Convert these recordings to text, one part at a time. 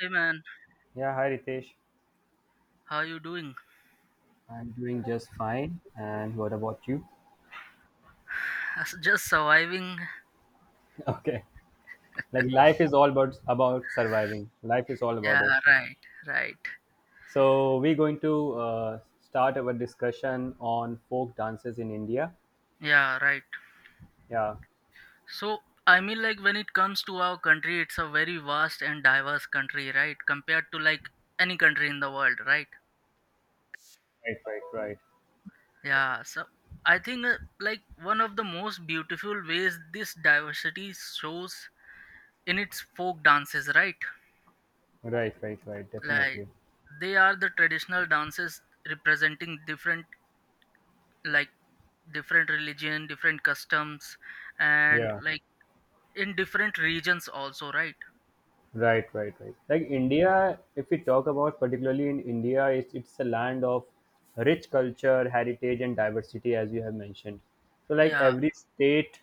Hey man, Yeah, hi Ritesh. how you doing? I'm doing just fine. And what about you? Just surviving. Okay. Like life is all about surviving. Life is all about it. Yeah, right, right. So we're going to uh, start our discussion on folk dances in India. Yeah, right. Yeah. So, I mean, like, when it comes to our country, it's a very vast and diverse country, right? Compared to like any country in the world, right? Right, right, right. Yeah, so I think like one of the most beautiful ways this diversity shows in its folk dances, right? Right, right, right. Like, Definitely. they are the traditional dances representing different like different religion different customs and Yeah. like in different regions also, right? Right, right, right. Like India, if we talk about particularly in India, it's a land of rich culture, heritage, and diversity, as you have mentioned. So, like Yeah, every state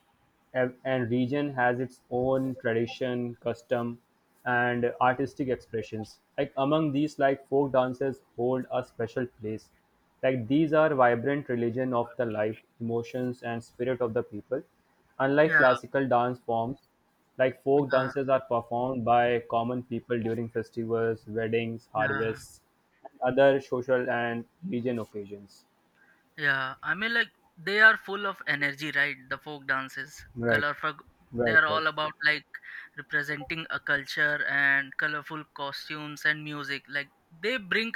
and region has its own tradition, custom, and artistic expressions. Like among these, like folk dances hold a special place. Like these are vibrant religion of the life, emotions, and spirit of the people. Unlike yeah, classical dance forms, like folk yeah, dances are performed by common people during festivals, weddings, yeah, harvests, and other social and religion occasions. yeah, I mean, like they are full of energy, right? The folk dances, Right, colorful. They right, are right. all about like representing a culture and colorful costumes and music, like they bring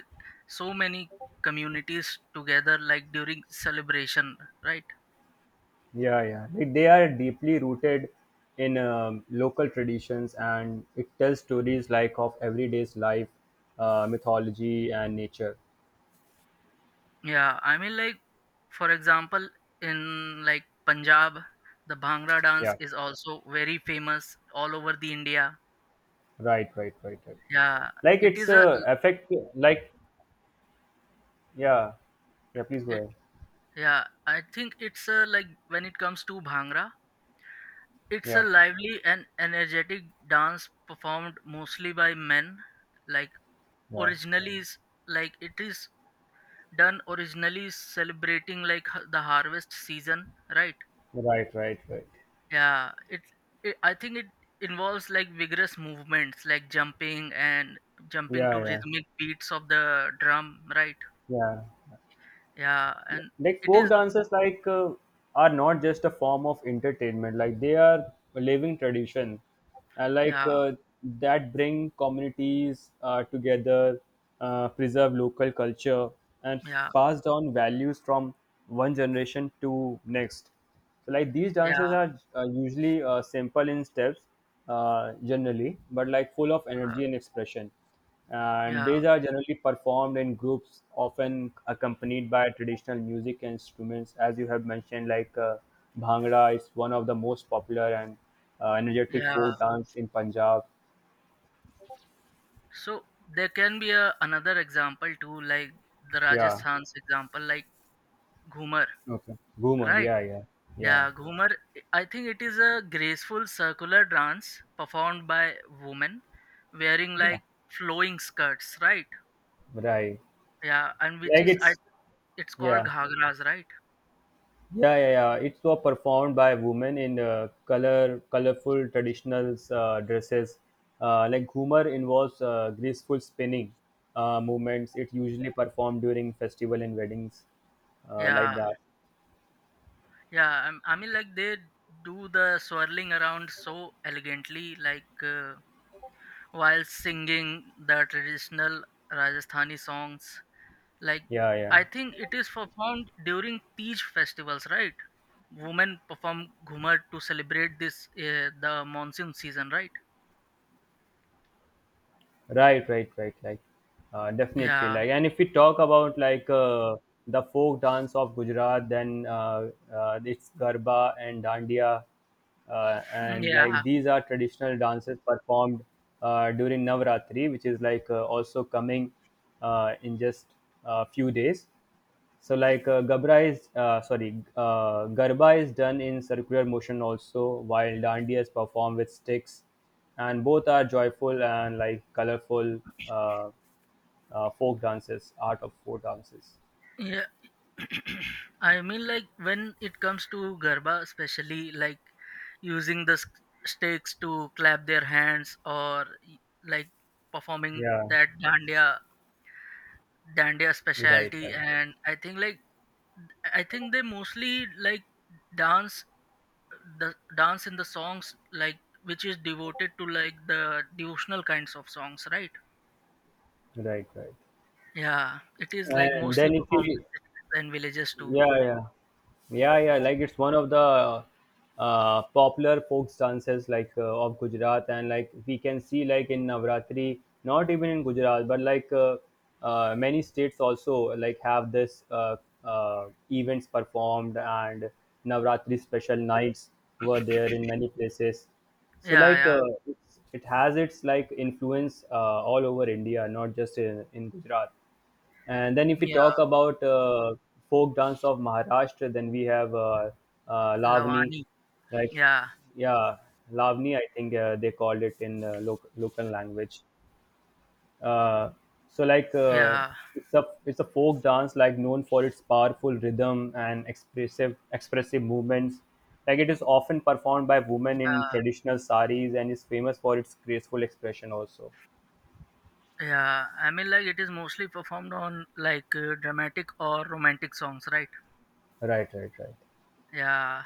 so many communities together like during celebration, right? Yeah, yeah. Like they are deeply rooted in local traditions, and it tells stories like of everyday's life, mythology, and nature. Yeah, I mean, like, for example, in like Punjab, the Bhangra dance Yeah, is also very famous all over the India. right, right, right, right. Yeah, Like it it's is a, affect like yeah, yeah. Please go it, ahead. yeah, I think it's a, like, when it comes to Bhangra, it's a Yeah. lively and energetic dance performed mostly by men. Like, Yeah. originally, is like, it is done originally celebrating like the harvest season, right? Right, right, right. Yeah, it's. It, I think it involves like vigorous movements, like jumping and jumping Yeah, to yeah, rhythmic beats of the drum, right? yeah. Yeah, and Like it folk is. dances, are not just a form of entertainment. Like they are a living tradition, and Yeah, that bring communities together, preserve local culture, and yeah, pass down values from one generation to next. So like these yeah, dances are usually simple in steps, generally, but like full of energy and expression. And yeah, these are generally performed in groups, often accompanied by traditional music and instruments, as you have mentioned. Like bhangra is one of the most popular and energetic yeah. folk dance in Punjab. So there can be a, another example too, like the Yeah. Rajasthan's example, like Ghumar, Okay. Boomer. right? Yeah. Yeah. Yeah. Yeah, Ghumar. I think it is a graceful circular dance performed by women wearing Yeah. like flowing skirts, right? Right. yeah and which Like is I it's It's called yeah. ghagras, right? Yeah, yeah, yeah. It's was performed by women in colorful traditional dresses. Like Ghumar involves graceful spinning movements. It usually performed during festival and weddings, like Yeah, that. yeah. I mean, like they do the swirling around so elegantly, like while singing the traditional Rajasthani songs. Like Yeah, yeah. I think it is performed during Tej festivals, right? Women perform ghumar to celebrate this the monsoon season, right? Right, right, right, right. Definitely. Yeah, Like, and if we talk about the folk dance of Gujarat, then it's Garba and Dandiya, and like yeah, these are traditional dances performed during Navratri, which is also coming in just a few days. So Garba is done in circular motion also, while Dandiya is performed with sticks, and both are joyful and like colorful uh, folk dances, art of folk dances. yeah. I mean, like when it comes to garba, especially like using the stakes to clap their hands or like performing Yeah, that dandiya right, specialty, right, and I think like I think they mostly like dance the dance in the songs like which is devoted to like the devotional kinds of songs, right? right, right. Yeah, it is like And mostly then if performed in you cities and villages too. yeah, yeah, yeah, yeah. Like it's one of the popular folk dances of Gujarat, and like we can see like in Navratri, not even in Gujarat, but many states also like have this events performed, and Navratri special nights were there in many places. So Yeah, yeah, it has its like influence all over India, not just in Gujarat. And then if we yeah. talk about folk dance of Maharashtra, then we have Lavani, Lavani. like Yeah. yeah, Lavani. I think they called it in local language. Uh, so Yeah, it's a folk dance like known for its powerful rhythm and expressive movements. Like it is often performed by women in yeah, traditional saris and is famous for its graceful expression also. yeah. I mean, like it is mostly performed on like dramatic or romantic songs, right? Right, right, right. Yeah,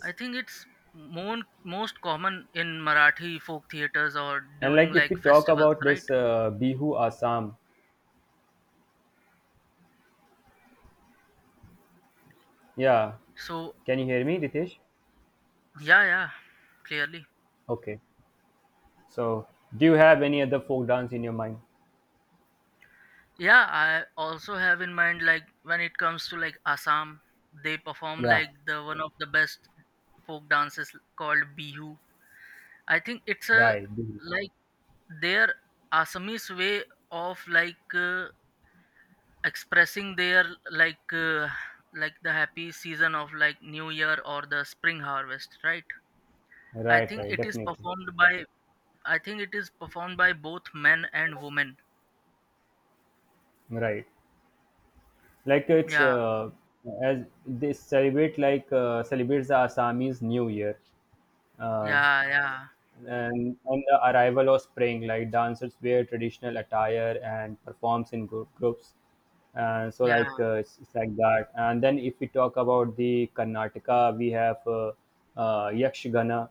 I think it's more most common in Marathi folk theaters or And during like if we like talk festivals, about right? this Bihu Assam, yeah, So can you hear me, Ritesh? yeah, yeah, clearly. Okay. So, do you have any other folk dance in your mind? Yeah, I also have in mind like when it comes to like Assam, they perform Yeah, like the one of the best folk dances called Bihu. I think it's a right, Bihu. like their Assamese way of like expressing their like uh, like the happy season of like New Year or the spring harvest, right? I Right, think right, it is definitely, performed by I think it is performed by both men and women. right. Like it's Yeah, as they celebrate like celebrates the Assamese New Year. Uh, yeah, yeah, And on the arrival of spring, like dancers wear traditional attire and performs in groups. And so, yeah, it's like that. And then, if we talk about the Karnataka, we have Yakshagana,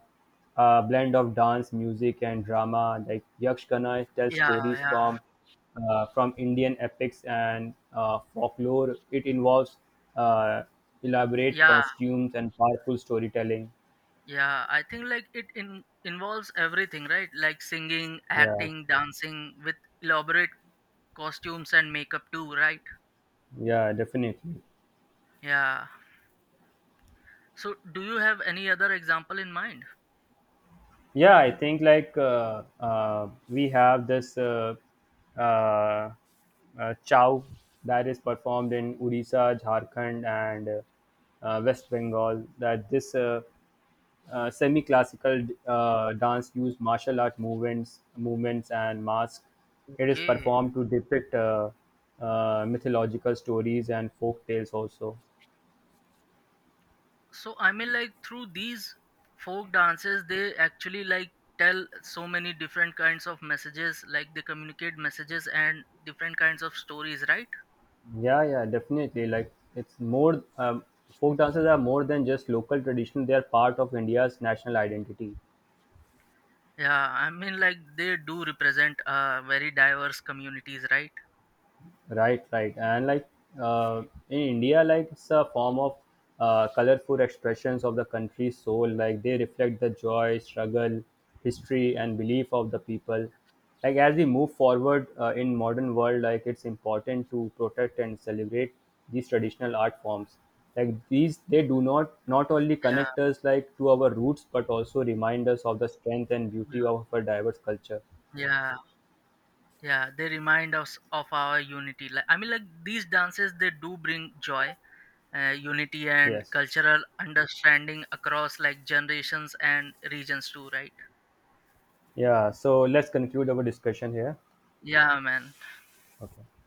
a blend of dance, music, and drama. Like Yakshagana tells yeah, stories yeah, from Indian epics and folklore. It involves uh, elaborate yeah, costumes and powerful storytelling. yeah. I think like involves everything, right? Like singing, Yeah, acting, dancing with elaborate costumes and makeup too, right? yeah, definitely. Yeah. So, do you have any other example in mind? Yeah, I think we have this uh, chow that is performed in Odisha, Jharkhand, and West Bengal. That this semi-classical dance used martial art movements and masks. It is Okay. performed to depict mythological stories and folk tales also. So, I mean, like through these folk dances, they actually like tell so many different kinds of messages, like they communicate messages and different kinds of stories, right? Yeah, yeah, definitely. Like it's more folk dances are more than just local tradition. They are part of India's national identity. Yeah. I mean, like they do represent very diverse communities, right? Right, right. And like uh, in India, like it's a form of colorful expressions of the country's soul. Like they reflect the joy, struggle, history, and belief of the people. Like as we move forward in modern world, like it's important to protect and celebrate these traditional art forms. Like these, they do not only Yeah. connect us like to our roots, but also remind us of the strength and beauty of our diverse culture. Yeah. Yeah. They remind us of our unity. Like, I mean, like these dances, they do bring joy, unity and Yes. cultural understanding across like generations and regions too, right? Yeah. So let's conclude our discussion here. Yeah, man. Okay.